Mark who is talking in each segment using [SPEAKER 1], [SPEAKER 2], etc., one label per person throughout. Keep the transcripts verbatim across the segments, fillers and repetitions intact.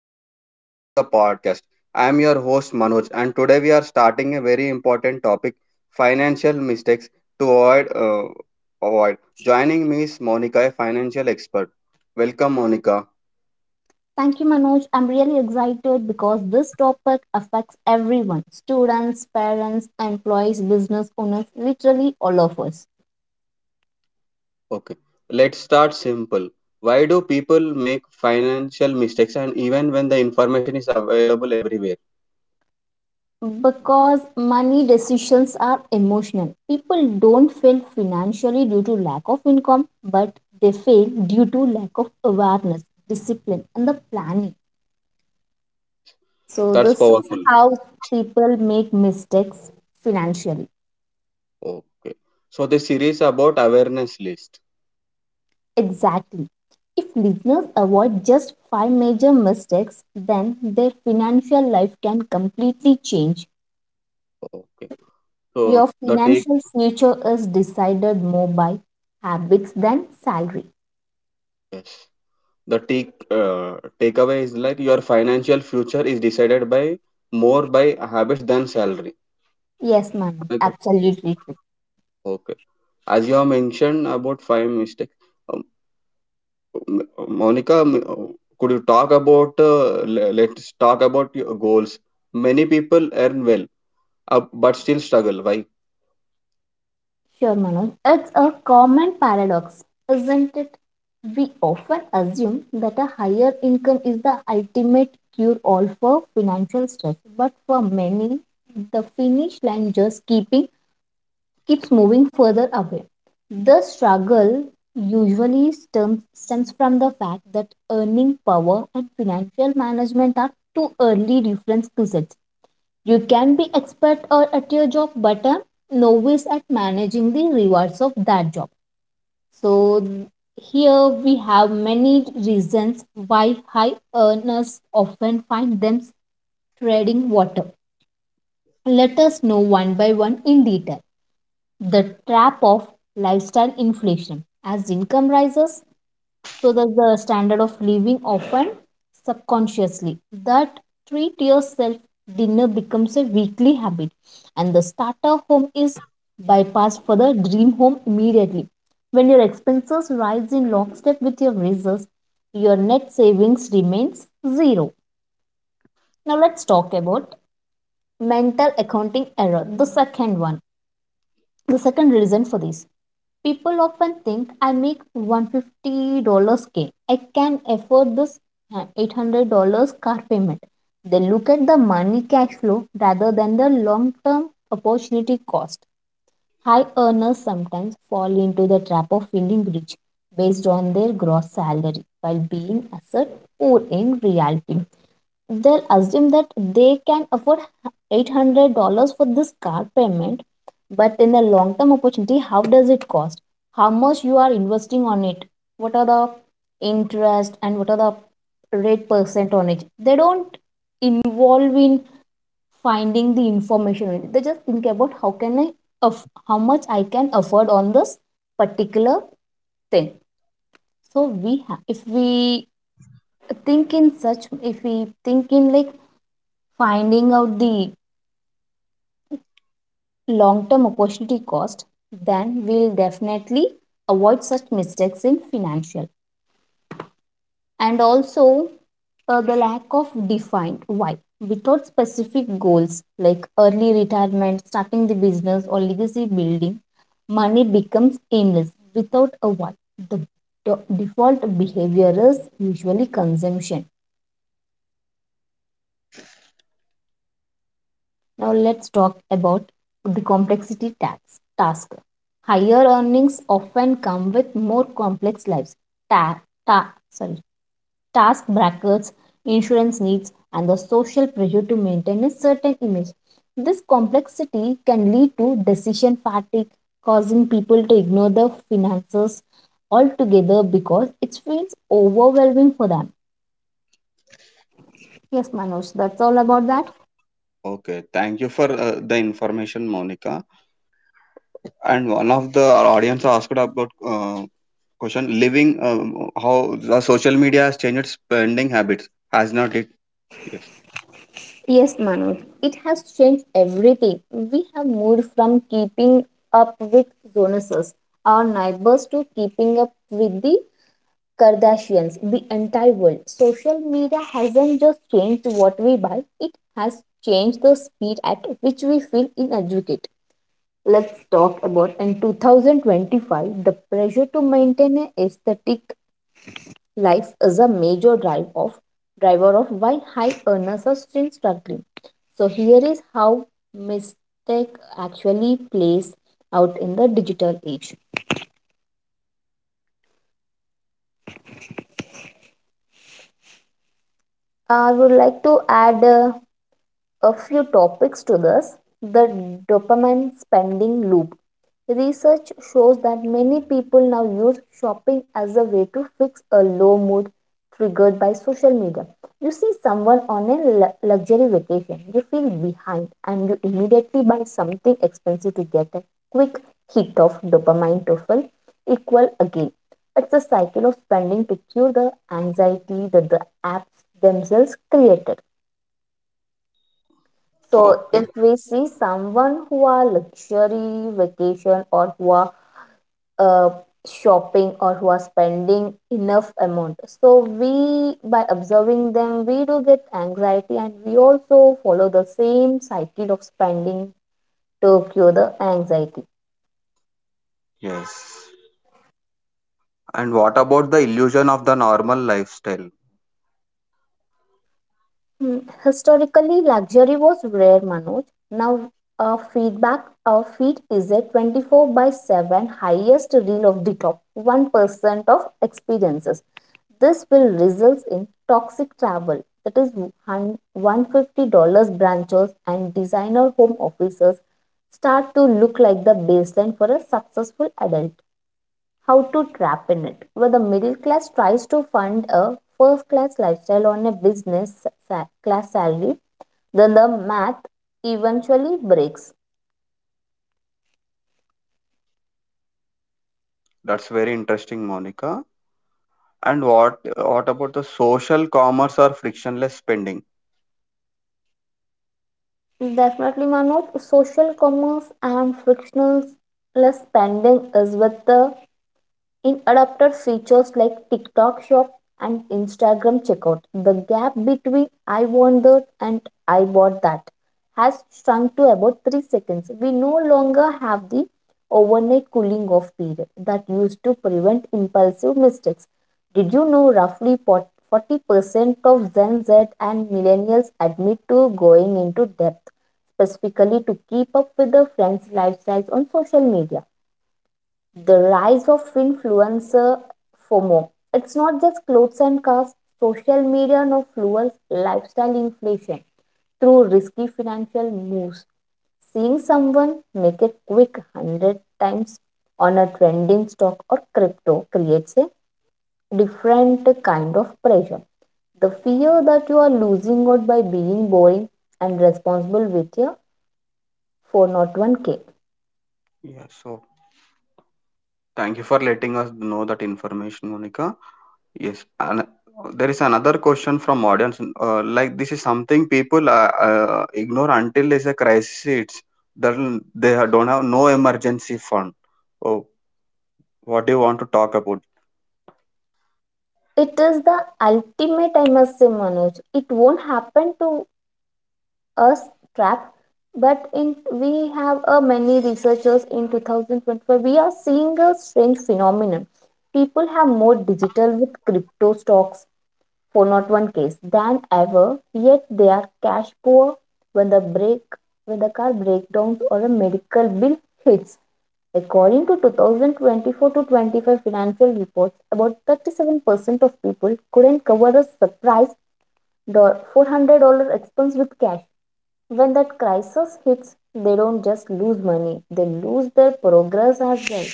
[SPEAKER 1] everyone, welcome to the podcast. I am your host Manoj, and today we are starting a very important topic, financial mistakes to avoid uh, avoid. Joining me is Monica, a financial expert. Welcome Monica.
[SPEAKER 2] Thank you, Manoj. I'm really excited because this topic affects everyone students, parents, employees, business owners, literally all of us.
[SPEAKER 1] Okay. Let's start simple. Why do people make financial mistakes and even when the information is available everywhere?
[SPEAKER 2] Because money decisions are emotional. People don't fail financially due to lack of income, but they fail due to lack of awareness, discipline, and the planning. So,
[SPEAKER 1] That's
[SPEAKER 2] this is
[SPEAKER 1] powerful.
[SPEAKER 2] how people make mistakes financially.
[SPEAKER 1] Okay. So this series about awareness list.
[SPEAKER 2] Exactly. If listeners avoid just five major mistakes, then their financial life can completely change.
[SPEAKER 1] Okay. So
[SPEAKER 2] Your
[SPEAKER 1] the take
[SPEAKER 2] financial future is decided more by habits than salary.
[SPEAKER 1] yes. The take uh, takeaway is like your financial future is decided by more by habits than salary.
[SPEAKER 2] Yes, Manoj,
[SPEAKER 1] Am I correct?
[SPEAKER 2] absolutely true.
[SPEAKER 1] Okay, as you have mentioned about five mistakes, um, M- monica m- uh, could you talk about uh, le- let's talk about your goals. Many people earn well, uh, but still struggle, why?
[SPEAKER 2] Sure, Manoj. It's a common paradox, isn't it? We often assume that a higher income is the ultimate cure all for financial stress, but for many, the finish line just keeping keeps moving further away. The struggle usually stems, stems from the fact that earning power and financial management are two early reference skills. You can be expert or at your job, but a novice at managing the rewards of that job. So here we have many reasons why high earners often find themselves treading water. Let us know one by one in detail the trap of lifestyle inflation. As income rises, so does the standard of living, often subconsciously. That treat yourself dinner becomes a weekly habit, and the starter home is bypassed for the dream home immediately. When your expenses rise in lockstep with your raises, your net savings remains zero. Now, let's talk about mental accounting error, the second one. The second reason for this people often think I make a hundred fifty k dollars. I can afford this uh, eight hundred dollars car payment. They look at the money cash flow rather than the long term opportunity cost. High earners sometimes fall into the trap of feeling rich based on their gross salary while being assert poor in reality. They'll assume that they can afford eight hundred dollars for this car payment, but in the long term opportunity, how does it cost? How much you are investing on it? What are the interest and what are the rate percent on it? They don't involve in finding the information in it. They just think about how can I, aff- how much I can afford on this particular thing. So we have, if we think in such, if we think in like finding out the long-term opportunity cost, then we'll definitely avoid such mistakes in financial. And also uh, the lack of defined why, without specific goals like early retirement, starting the business or legacy building, money becomes aimless. Without a why, the do- default behavior is usually consumption. Now let's talk about the complexity tax task. Higher earnings often come with more complex lives, ta- ta- sorry, task brackets, insurance needs, and the social pressure to maintain a certain image. This complexity can lead to decision fatigue, causing people to ignore their finances altogether because it feels overwhelming for them. Yes, Manoj, that's all about that.
[SPEAKER 1] Okay, thank you for uh, the information, Monica. And one of the audience asked about uh, question living, um, how the social media has changed spending habits, has not it? Yes.
[SPEAKER 2] Yes, Manoj, it has changed everything. We have moved from keeping up with Jonases, our neighbors, to keeping up with the Kardashians, the entire world. Social media hasn't just changed what we buy, it has changed the speed at which we feel inadequate. Let's talk about in twenty twenty-five, the pressure to maintain an aesthetic life is a major drive of driver of why high earners are still struggling. So here is how mistake actually plays out in the digital age. I would like to add uh, a few topics to this, the dopamine spending loop. Research shows that many people now use shopping as a way to fix a low mood triggered by social media. You see someone on a lu- luxury vacation, you feel behind, and you immediately buy something expensive to get a quick hit of dopamine to feel equal again. It's a cycle of spending to cure the anxiety that the apps themselves created. So
[SPEAKER 1] Okay.
[SPEAKER 2] if we see someone who are luxury vacation or who are uh, shopping or who are spending enough amount, so we, by observing them, we do get anxiety and we also follow the same cycle of spending to cure the anxiety.
[SPEAKER 1] Yes. And what about the illusion of the normal lifestyle?
[SPEAKER 2] Hmm, historically, luxury was rare, Manoj. Now, a feedback, a feed is a 24 by 7 highest reel of the top one percent of experiences. This will result in toxic travel. That is hun- a hundred fifty dollars branches and designer home offices start to look like the baseline for a successful adult, how to trap in it, where the middle class tries to fund a first class lifestyle on a business sa- class salary, then the math eventually breaks.
[SPEAKER 1] That's very interesting, Monica. And what what about the social commerce or frictionless spending?
[SPEAKER 2] Definitely, Manoj, social commerce and frictionless spending is with the in adapted features like TikTok Shop and Instagram Checkout. The gap between I want that and I bought that has shrunk to about three seconds. We no longer have the overnight cooling off period that used to prevent impulsive mistakes. Did you know roughly forty percent of Gen Z and millennials admit to going into debt specifically to keep up with their friends' lifestyles on social media? The rise of influencer FOMO. It's not just clothes and cars, social media now fuels lifestyle inflation through risky financial moves. Seeing someone make a quick a hundred times on a trending stock or crypto creates a different kind of pressure. The fear that you are losing out by being boring and responsible with your four oh one k.
[SPEAKER 1] Yes. Thank you for letting us know that information, Monica. Yes, and uh, there is another question from audience. Uh, like this is something people uh, uh, ignore until there's a crisis hits. Then they ha- don't have no emergency fund. Oh, what do you want to talk about?
[SPEAKER 2] It is the ultimate, I must say, Manoj. It won't happen to us trap, but in we have a many researchers in two thousand twenty-five. We are seeing a strange phenomenon. People have more digital with crypto stocks for not one case than ever, yet they are cash poor when the break when the car breakdowns or a medical bill hits. According to two thousand twenty-four to twenty-five financial reports, about thirty-seven percent of people couldn't cover a surprise do- four hundred dollars expense with cash. When that crisis hits, they don't just lose money, they lose their progress as well.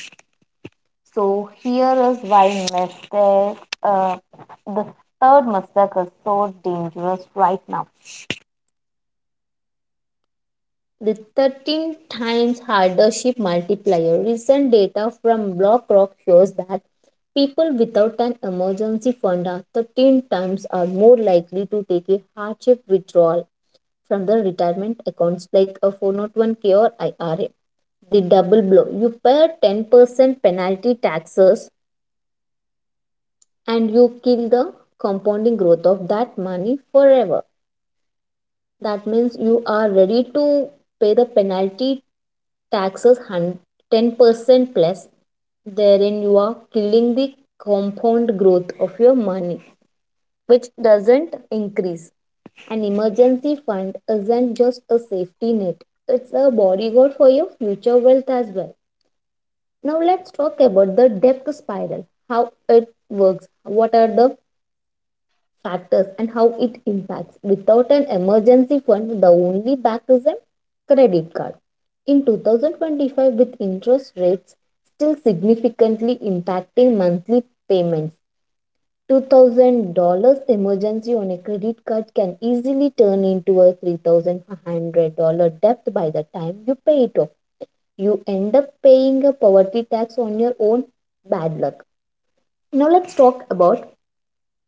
[SPEAKER 2] So, here is why mistake, uh, the third mistake is so dangerous right now. The thirteen times hardship multiplier. Recent data from BlackRock shows that people without an emergency fund are thirteen times are more likely to take a hardship withdrawal from their retirement accounts like a four oh one k or I R A. The double blow. You pay ten percent penalty taxes and you kill the compounding growth of that money forever. That means you are ready to pay the penalty taxes ten percent plus. Therein, you are killing the compound growth of your money, which doesn't increase. An emergency fund isn't just a safety net, it's a bodyguard for your future wealth as well. Now, let's talk about the debt spiral, how it works, what are the factors and how it impacts. Without an emergency fund, the only back is a credit card. In two thousand twenty-five, with interest rates still significantly impacting monthly payments, two thousand dollars emergency on a credit card can easily turn into a three thousand five hundred dollars debt by the time you pay it off. You end up paying a poverty tax on your own bad luck. Now let's talk about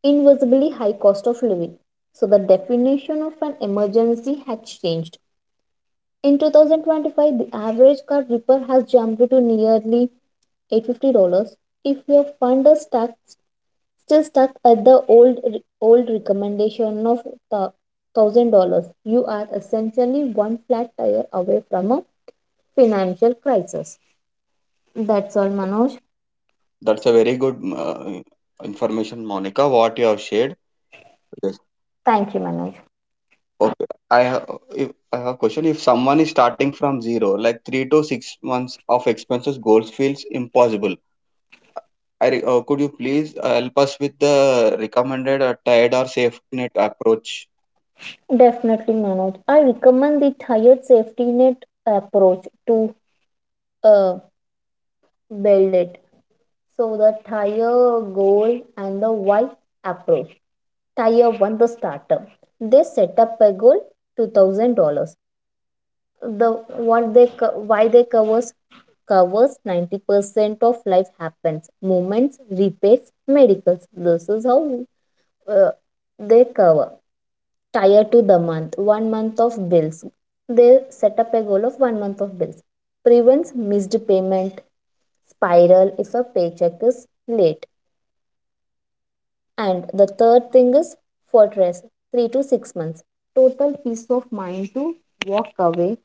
[SPEAKER 2] invisibly high cost of living. So, the definition of an emergency had changed. In twenty twenty-five, the average car repair has jumped to nearly eight hundred fifty dollars. If your fund is stuck, still stuck at the old old recommendation of one thousand dollars you are essentially one flat tire away from a financial crisis. That's all, Manoj.
[SPEAKER 1] That's a very good uh, information, Monica, what you have shared. Yes.
[SPEAKER 2] Thank you, Manoj.
[SPEAKER 1] Okay. I have if I have a question. If someone is starting from zero, like three to six months of expenses, goals feels impossible. I re- uh, could you please uh, help us with the recommended uh, tied or safety net approach?
[SPEAKER 2] Definitely, Manoj. I recommend the tire safety net approach to uh, build it. So the tire goal and the why approach. Tire one, the startup. They set up a goal two thousand dollars. The what they co- why they covers covers ninety percent of life happens. Movements, repairs, medicals. This is how uh, they cover. Tire to the month. One month of bills. They set up a goal of one month of bills. Prevents missed payment spiral if a paycheck is late. And the third thing is fortress, three to six months. Total peace of mind to walk away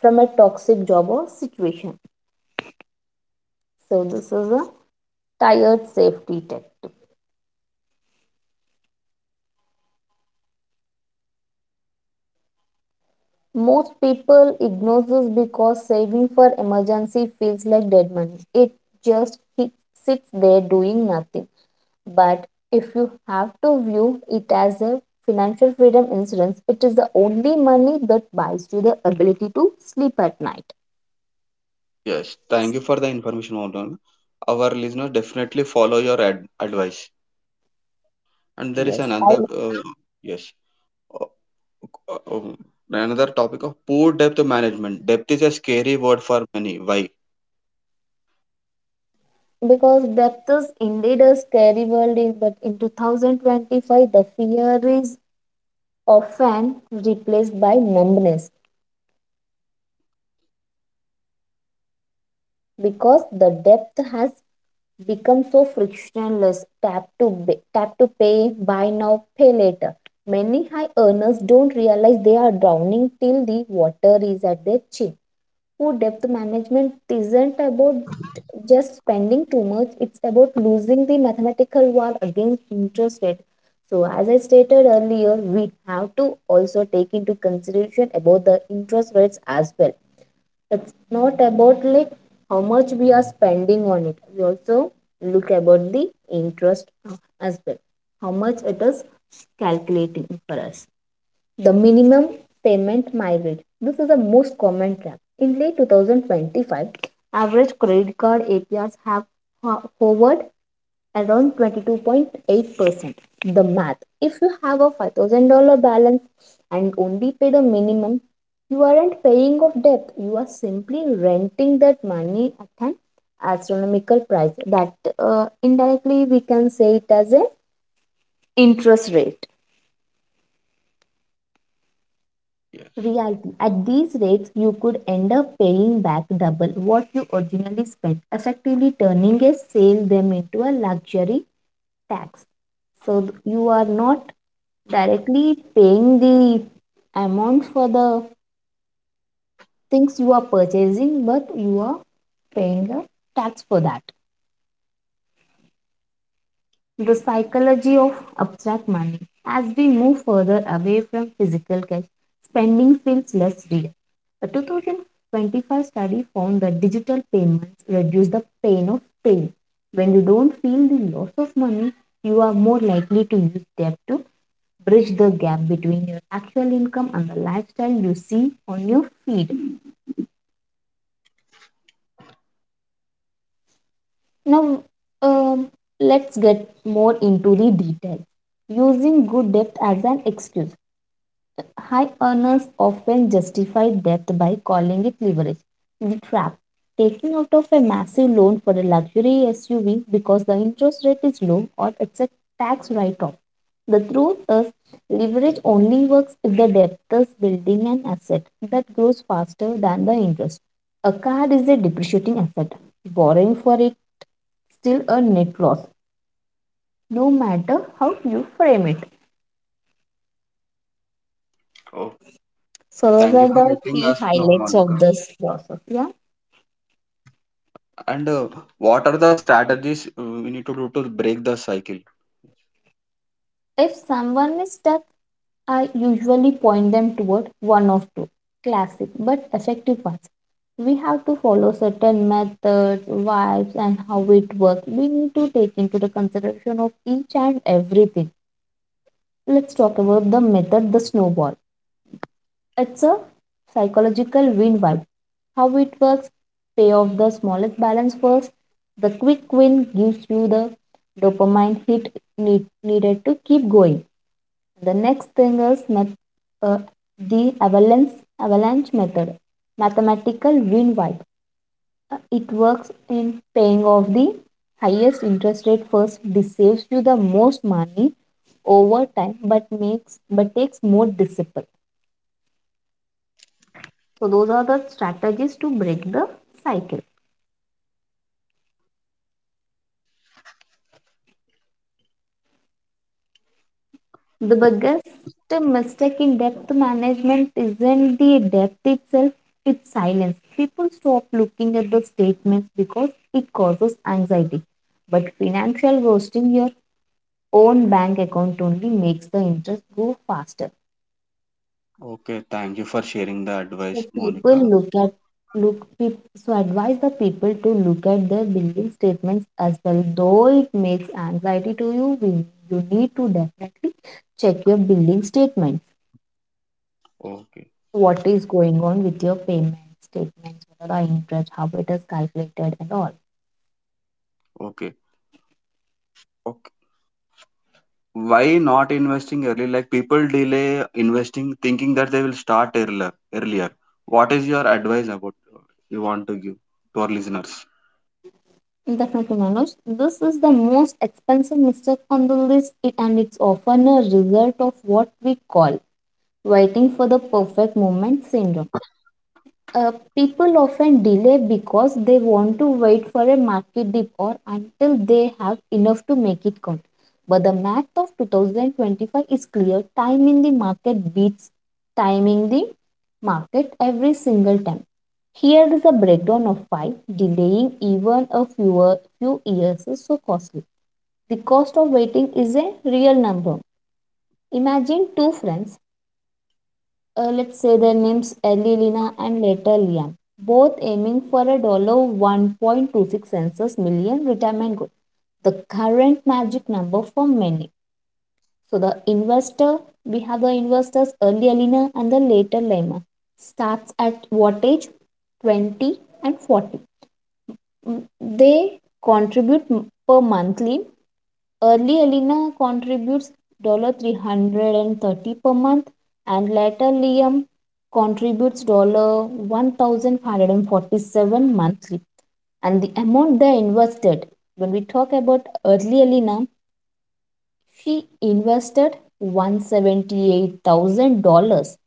[SPEAKER 2] from a toxic job or situation. So this is a tired safety tech. Most people ignore this because saving for emergency feels like dead money. It just sits there doing nothing. But if you have to view it as a financial freedom insurance, it is the only money that buys you the ability to sleep at night.
[SPEAKER 1] Yes, thank you for the information, Maudana. Our listeners definitely follow your ad- advice. And there is
[SPEAKER 2] Yes.
[SPEAKER 1] another,
[SPEAKER 2] And
[SPEAKER 1] uh, yes, uh, uh, um, another topic of poor depth management. Depth is a scary word for many. Why?
[SPEAKER 2] because death is indeed a scary world, in- but in two thousand twenty-five, the fear is often replaced by numbness because the depth has become so frictionless. Tap to ba- tap to pay, buy now pay later. Many high earners don't realize they are drowning till the water is at their chin. Poor debt management isn't about just spending too much, it's about losing the mathematical war against interest rate. So as I stated earlier, we have to also take into consideration about the interest rates as well. It's not about like how much we are spending on it, we also look about the interest uh, as well, how much it is calculating for us. The minimum payment mileage, this is the most common trap in late twenty twenty-five. Average credit card APRs have ho- hovered around twenty-two point eight percent. The math, if you have a five thousand dollars balance and only pay the minimum, you aren't paying off debt, you are simply renting that money at an astronomical price. That uh, indirectly we can say it as an interest rate.
[SPEAKER 1] Yes.
[SPEAKER 2] Reality, at these rates, you could end up paying back double what you originally spent, effectively turning a sale them into a luxury tax. So you are not directly paying the amount for the things you are purchasing, but you are paying a tax for that. The psychology of abstract money. As we move further away from physical cash, spending feels less real. A two thousand twenty-five study found that digital payments reduce the pain of pain. When you don't feel the loss of money, you are more likely to use debt to bridge the gap between your actual income and the lifestyle you see on your feed. Now, um, let's get more into the details. Using good debt as an excuse. High earners often justify debt by calling it leverage. The trap, taking out of a massive loan for a luxury S U V because the interest rate is low or it's a tax write off. The truth is, leverage only works if the debtor is building an asset that grows faster than the interest. A car is a depreciating asset. Borrowing for it still a net loss, no matter how you frame it.
[SPEAKER 1] Oh,
[SPEAKER 2] So those
[SPEAKER 1] thank
[SPEAKER 2] are
[SPEAKER 1] you for
[SPEAKER 2] the
[SPEAKER 1] letting
[SPEAKER 2] key
[SPEAKER 1] us know,
[SPEAKER 2] highlights of
[SPEAKER 1] Monica.
[SPEAKER 2] this process, yeah.
[SPEAKER 1] And uh, what are the strategies uh, we need to do to break the cycle?
[SPEAKER 2] If someone is stuck, I usually point them toward one of two classic but effective paths. We have to follow certain methods, vibes, and how it works. We need to take into the consideration of each and everything. Let's talk about the method, the snowball. It's a psychological win vibe. How it works? Pay off the smallest balance first. The quick win gives you the dopamine hit need, needed to keep going. The next thing is math, uh, the avalanche, avalanche method, mathematical win wipe. Uh, it works in paying off the highest interest rate first. This saves you the most money over time, but makes but takes more discipline. So those are the strategies to break the cycle. The biggest mistake in depth management isn't the depth itself, it's silence. People stop looking at the statements because it causes anxiety. But financial ghosting your own bank account only makes the interest go faster.
[SPEAKER 1] Okay, thank you for sharing the
[SPEAKER 2] So
[SPEAKER 1] advice,
[SPEAKER 2] people
[SPEAKER 1] Monica.
[SPEAKER 2] look at look peop, so advise the people to look at their billing statements as well. Though it makes anxiety to you, we, you need to definitely check your billing statement.
[SPEAKER 1] Okay.
[SPEAKER 2] What is going on with your payment statements, what are the interest, how it is calculated, and all.
[SPEAKER 1] Okay. Okay. Why not investing early? Like people delay investing thinking that they will start earlier. Earlier. What is your advice about, uh, you want to give to our listeners?
[SPEAKER 2] Definitely, Manoj. This is the most expensive mistake on the list, it, and it's often a result of what we call waiting for the perfect moment syndrome. Uh, people often delay because they want to wait for a market dip or until they have enough to make it count. But the math of twenty twenty-five is clear. Time in the market beats timing the market every single time. Here is a breakdown of why delaying even a fewer few years is so costly. The cost of waiting is a real number. Imagine two friends, uh, let's say their names early Lina and later Lian, both aiming for a dollar one point two six census million retirement goal, the current magic number for many. So the investor, we have the investors early Lina and the later Lima, starts at what age? twenty and forty. Mm, They contribute m- per monthly. Early Elena contributes three hundred thirty per month and later Liam contributes one thousand five hundred forty-seven monthly. And the amount they invested, when we talk about early Elena, she invested one hundred seventy-eight thousand dollars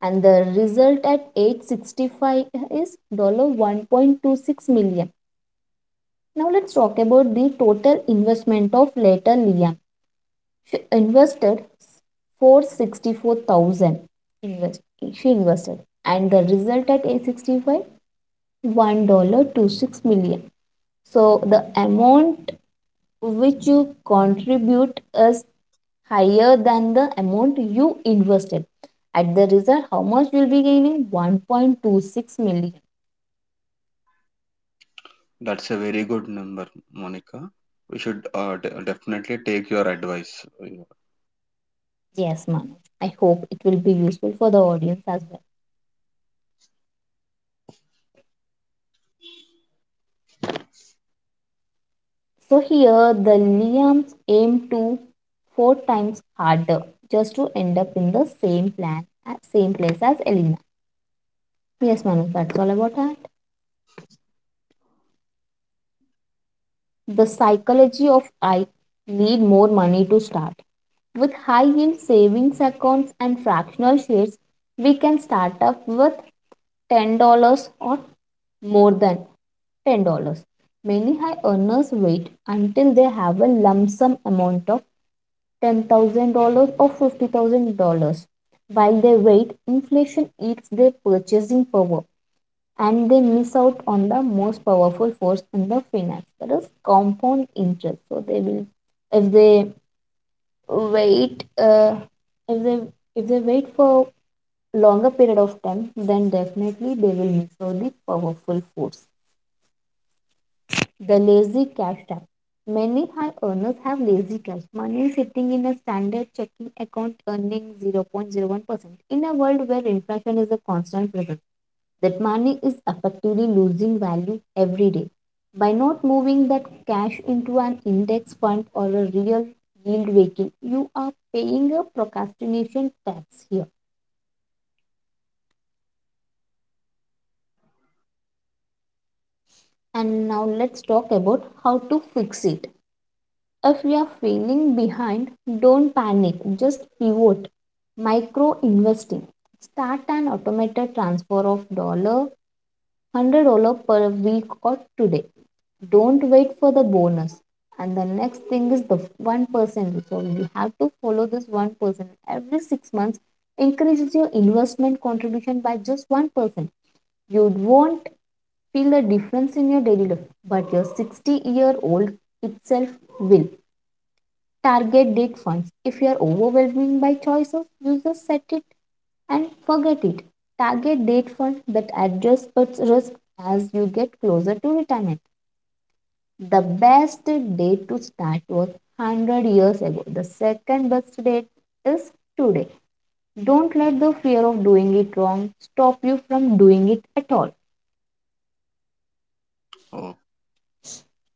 [SPEAKER 2] and the result at age sixty-five is one point two six dollars. Now let's talk about the total investment of later Liam. She invested four hundred sixty-four thousand, invest she invested, and the result at age sixty-five one point two six million dollars. So the amount which you contribute is higher than the amount you invested. At the result, how much you'll be gaining? one point two six million.
[SPEAKER 1] That's a very good number, Monica. We should uh, de- definitely take your advice.
[SPEAKER 2] Yes, Manoj. I hope it will be useful for the audience as well. So here the Liams aim to four times harder just to end up in the same plan at same place as Elena. Yes, Manu, that's all about that. The psychology of I need more money to start. With high yield savings accounts and fractional shares, we can start up with ten dollars or more than ten dollars. Many high earners wait until they have a lump sum amount of ten thousand dollars or fifty thousand dollars. While they wait, inflation eats their purchasing power and they miss out on the most powerful force in the finance that is compound interest. So they will if they wait uh, if they if they wait for longer period of time, then definitely they will miss out the powerful force. The lazy cash trap. Many high earners have lazy cash, money sitting in a standard checking account earning zero point zero one percent. In a world where inflation is a constant presence, that money is effectively losing value every day. By not moving that cash into an index fund or a real yield vehicle, you are paying a procrastination tax here. And now let's talk about how to fix it. If you are feeling behind, don't panic, just pivot. Micro investing. Start an automated transfer of dollar hundred dollar per week or today. Don't wait for the bonus. And the next thing is the one percent. So you have to follow this one percent every six months. Increases your investment contribution by just one percent. You won't feel the difference in your daily life, but your sixty year old itself will. Target date funds. If you are overwhelmed by choices, you just set it and forget it. Target date fund that adjusts its risk as you get closer to retirement. The best date to start was one hundred years ago. The second best date is today. Don't let the fear of doing it wrong stop you from doing it at all.
[SPEAKER 1] Oh,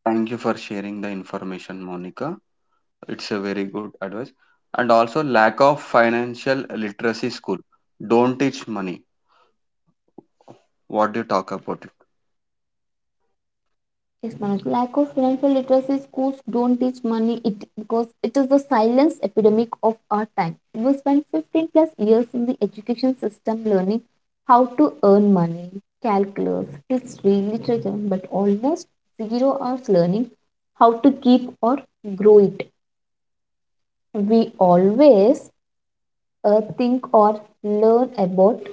[SPEAKER 1] thank you for sharing the information, Monica. It's a very good advice. And also, lack of financial literacy school. Don't teach money. What do you talk about it?
[SPEAKER 2] Yes, Manoj. Lack of financial literacy schools don't teach money it because it is the silence epidemic of our time. We spend fifteen plus years in the education system learning how to earn money, calculus, history, literature, but almost zero hours learning how to keep or grow it. We always uh, think or learn about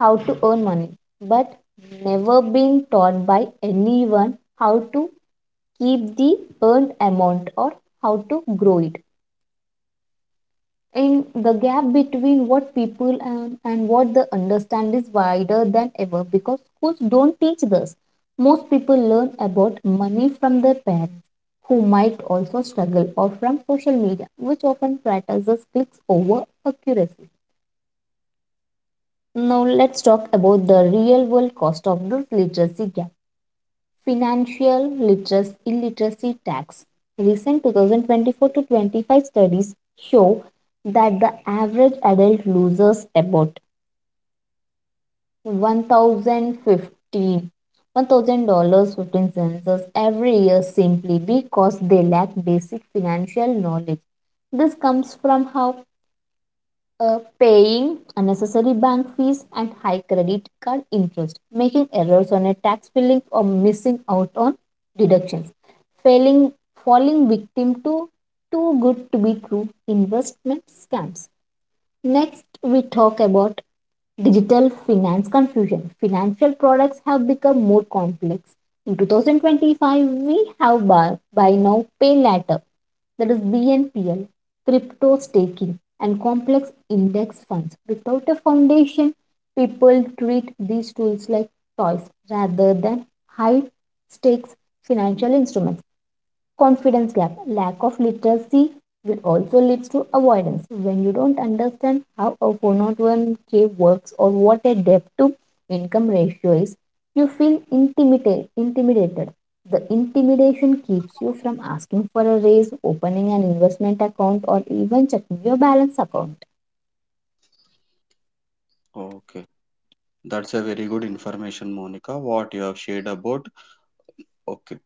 [SPEAKER 2] how to earn money, but never been taught by anyone how to keep the earned amount or how to grow it. And the gap between what people and, and what they understand is wider than ever because schools don't teach this. Most people learn about money from their parents, who might also struggle, or from social media, which often prioritizes clicks over accuracy. Now, let's talk about the real world cost of this literacy gap. Financial literacy, illiteracy tax. Recent twenty twenty-four to twenty-five studies show that the average adult loses about one thousand fifteen, one thousand dollars fifteen cents every year simply because they lack basic financial knowledge. This comes from how uh, paying unnecessary bank fees and high credit card interest, making errors on a tax filling or missing out on deductions, failing falling victim to too good to be true investment scams. Next, we talk about digital finance confusion. Financial products have become more complex. In twenty twenty-five, we have buy, buy now, pay later, that is B N P L, crypto staking, and complex index funds. Without a foundation, people treat these tools like toys rather than high stakes financial instruments. Confidence gap, lack of literacy will also leads to avoidance. When you don't understand how a four zero one k works or what a debt to income ratio is, you feel intimidated intimidated. The intimidation keeps you from asking for a raise, opening an investment account, or even checking your balance account.
[SPEAKER 1] Okay. That's a very good information, Monica, what you have shared about. Okay.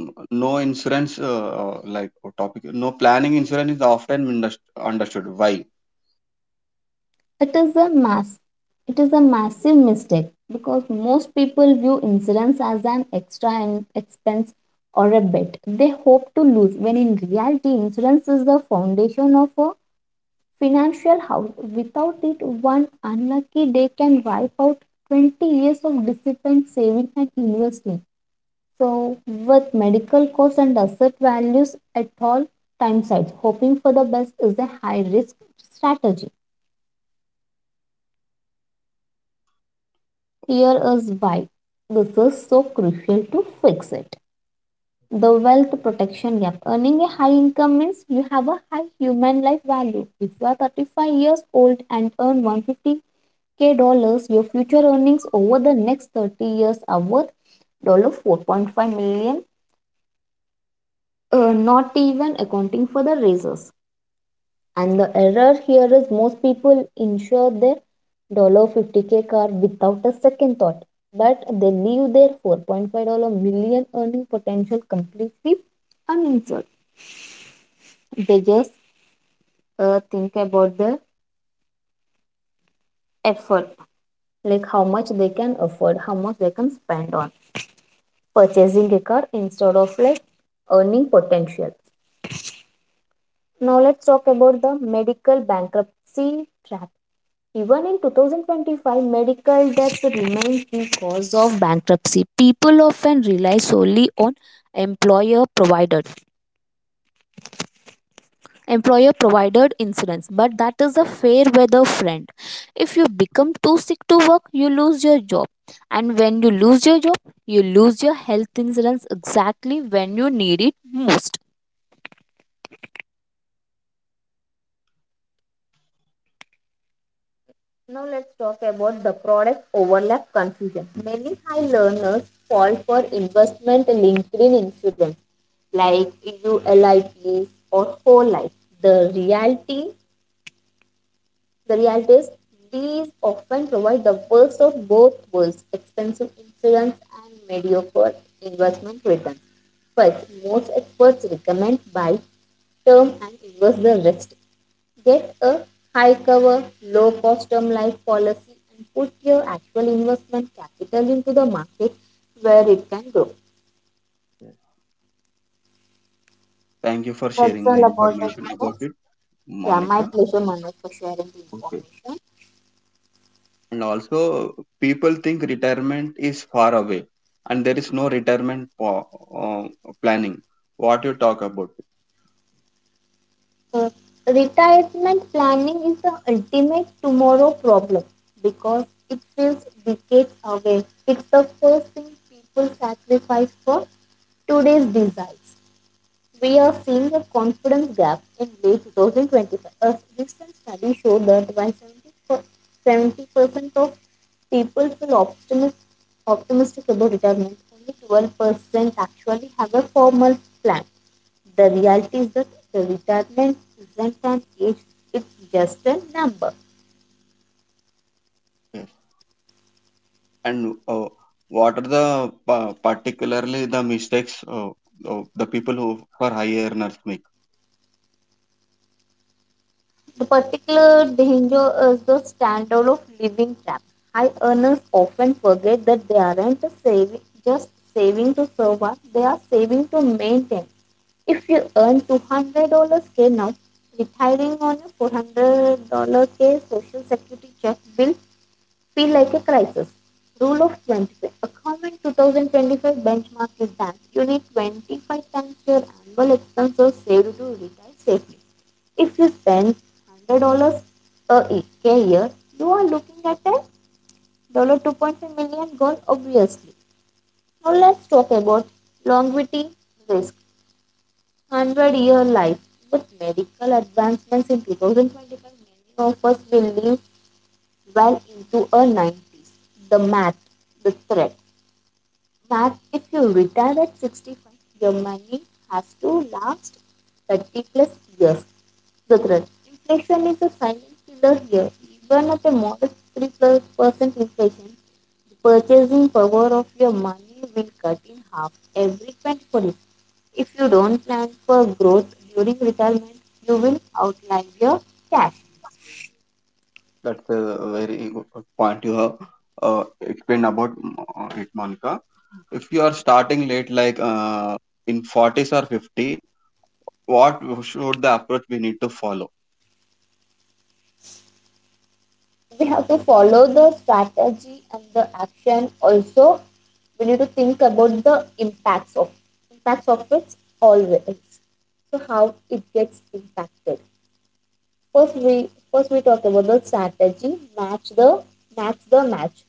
[SPEAKER 1] N- No insurance, uh, uh, like uh, topic. No planning insurance is often indus- understood. Why?
[SPEAKER 2] It is a mass. It is a massive mistake because most people view insurance as an extra en- expense or a bet they hope to lose. When in reality, insurance is the foundation of a financial house. Without it, one unlucky day can wipe out twenty years of disciplined saving and investing. So, with medical costs and asset values at all time sides, hoping for the best is a high risk strategy. Here is why this is so crucial to fix it. The wealth protection gap. Earning a high income means you have a high human life value. If you are thirty-five years old and earn one fifty k dollars, your future earnings over the next thirty years are worth four point five million dollars, dollars, uh, not even accounting for the raises. And the error here is most people insure their fifty k car without a second thought, but they leave their four point five million dollars dollar earning potential completely uninsured. They just uh, think about the effort, like how much they can afford, how much they can spend on purchasing a car instead of like earning potential. Now let's talk about the medical bankruptcy trap. Even in twenty twenty-five, medical debt remains the cause of bankruptcy. People often rely solely on employer provided employer provided insurance, but that is a fair weather friend. If you become too sick to work, you lose your job. And when you lose your job, you lose your health insurance exactly when you need it most. Now let's talk about the product overlap confusion. Many high learners fall for investment linked insurance like you lips or whole life. The reality, the reality is these often provide the worst of both worlds, expensive insurance and mediocre investment returns. But most experts recommend buy term and invest the rest. Get a high cover, low cost term life policy and put your actual investment capital into the market where it can grow.
[SPEAKER 1] Yeah. Thank you for
[SPEAKER 2] That's
[SPEAKER 1] sharing the
[SPEAKER 2] all about it,
[SPEAKER 1] information about
[SPEAKER 2] Manoj.
[SPEAKER 1] it,
[SPEAKER 2] Yeah, my
[SPEAKER 1] Monica.
[SPEAKER 2] pleasure, Manoj, for sharing the
[SPEAKER 1] Okay.
[SPEAKER 2] information.
[SPEAKER 1] And also, people think retirement is far away, and there is no retirement po- uh, planning. What you talk about?
[SPEAKER 2] Uh, Retirement planning is the ultimate tomorrow problem because it feels decades away. It's the first thing people sacrifice for today's desires. We are seeing a confidence gap in late twenty twenty-five. A recent study showed that when 70 percent of people feel optimistic, optimistic about retirement, only twelve percent actually have a formal plan. The reality is that the retirement isn't an age, it's just a number.
[SPEAKER 1] Yes. And uh, what are the pa- particularly the mistakes, uh, uh, the people who for high earners make?
[SPEAKER 2] The particular danger is the standard of living trap. High earners often forget that they aren't saving, just saving to survive, they are saving to maintain. If you earn two hundred K now, retiring on a four hundred K social security check bill feel like a crisis. Rule of twenty-five. A common two thousand twenty-five benchmark is that you need twenty-five times your annual expenses saved to retire safely. If you spend one hundred dollars a year, you are looking at a two point five million dollars goal, obviously. Now let's talk about longevity risk. one hundred year life. With medical advancements in twenty twenty-five, many of us will live well into a nineties. The math, the threat. Math, if you retire at sixty-five, your money has to last thirty plus years. The threat. Inflation is a silent killer here. Even at a modest three plus percent inflation, the purchasing power of your money will cut in half every twenty-four years. If you don't plan for growth during retirement, you will outlive your cash.
[SPEAKER 1] That's a very good point you have uh, explained about uh, it, Monica. If you are starting late, like uh, in forties or fifty, what should the approach we need to follow?
[SPEAKER 2] We have to follow the strategy and the action also. We need to think about the impacts of impacts of it always, so how it gets impacted. First we first we talk about the strategy. Match the match the match.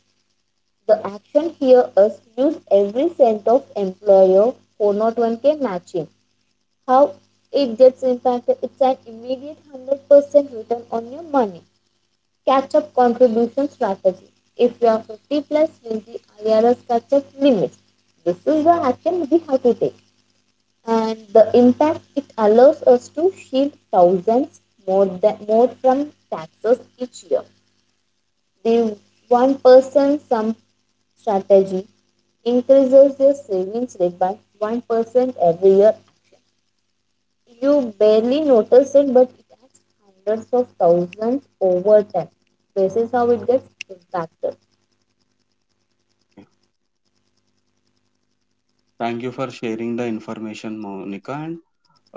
[SPEAKER 2] The action here is use every cent of employer four oh one k matching. How it gets impacted: it's an immediate one hundred percent return on your money. Catch up contribution strategy. If you are fifty plus, use the I R S catch up limits. This is the action we have to take, and the impact: it allows us to shield thousands more than more from taxes each year. The one person sum strategy increases your savings rate by one percent every year. You barely notice it, but it adds hundreds of thousands over time. This is how it gets impacted.
[SPEAKER 1] Thank you for sharing the information, Monica, and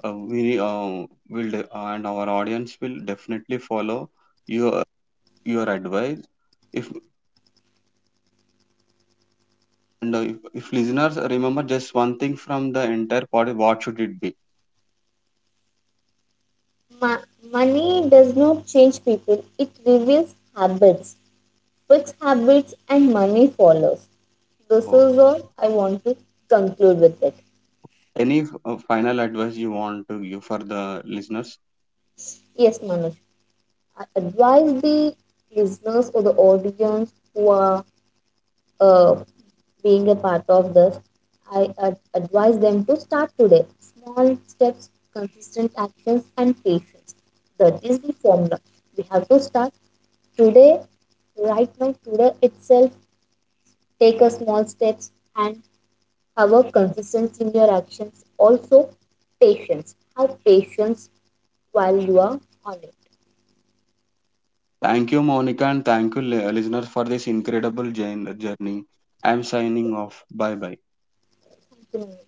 [SPEAKER 1] uh, we uh, will de- uh, and our audience will definitely follow your your advice. If and uh, if, if listeners remember just one thing from the entire podcast, what should it be?
[SPEAKER 2] Ma- Money does not change people, it reveals habits. Which habits, and money follows. This
[SPEAKER 1] Oh,
[SPEAKER 2] is all I want to conclude with it.
[SPEAKER 1] any f- uh, final advice you want to give for the listeners?
[SPEAKER 2] Yes, Manoj, I advise the listeners or the audience who are uh, being a part of this, I ad- advise them to start today. Small steps, consistent actions, and patience. That is the formula. We have to start today, right now, today itself. Take a small steps and have a consistency in your actions. Also, patience. Have patience while you are on it.
[SPEAKER 1] Thank you, Monica, and thank you, li- uh, listeners, for this incredible jour- journey. I'm signing off. Bye bye.
[SPEAKER 2] Thank you. Nandini.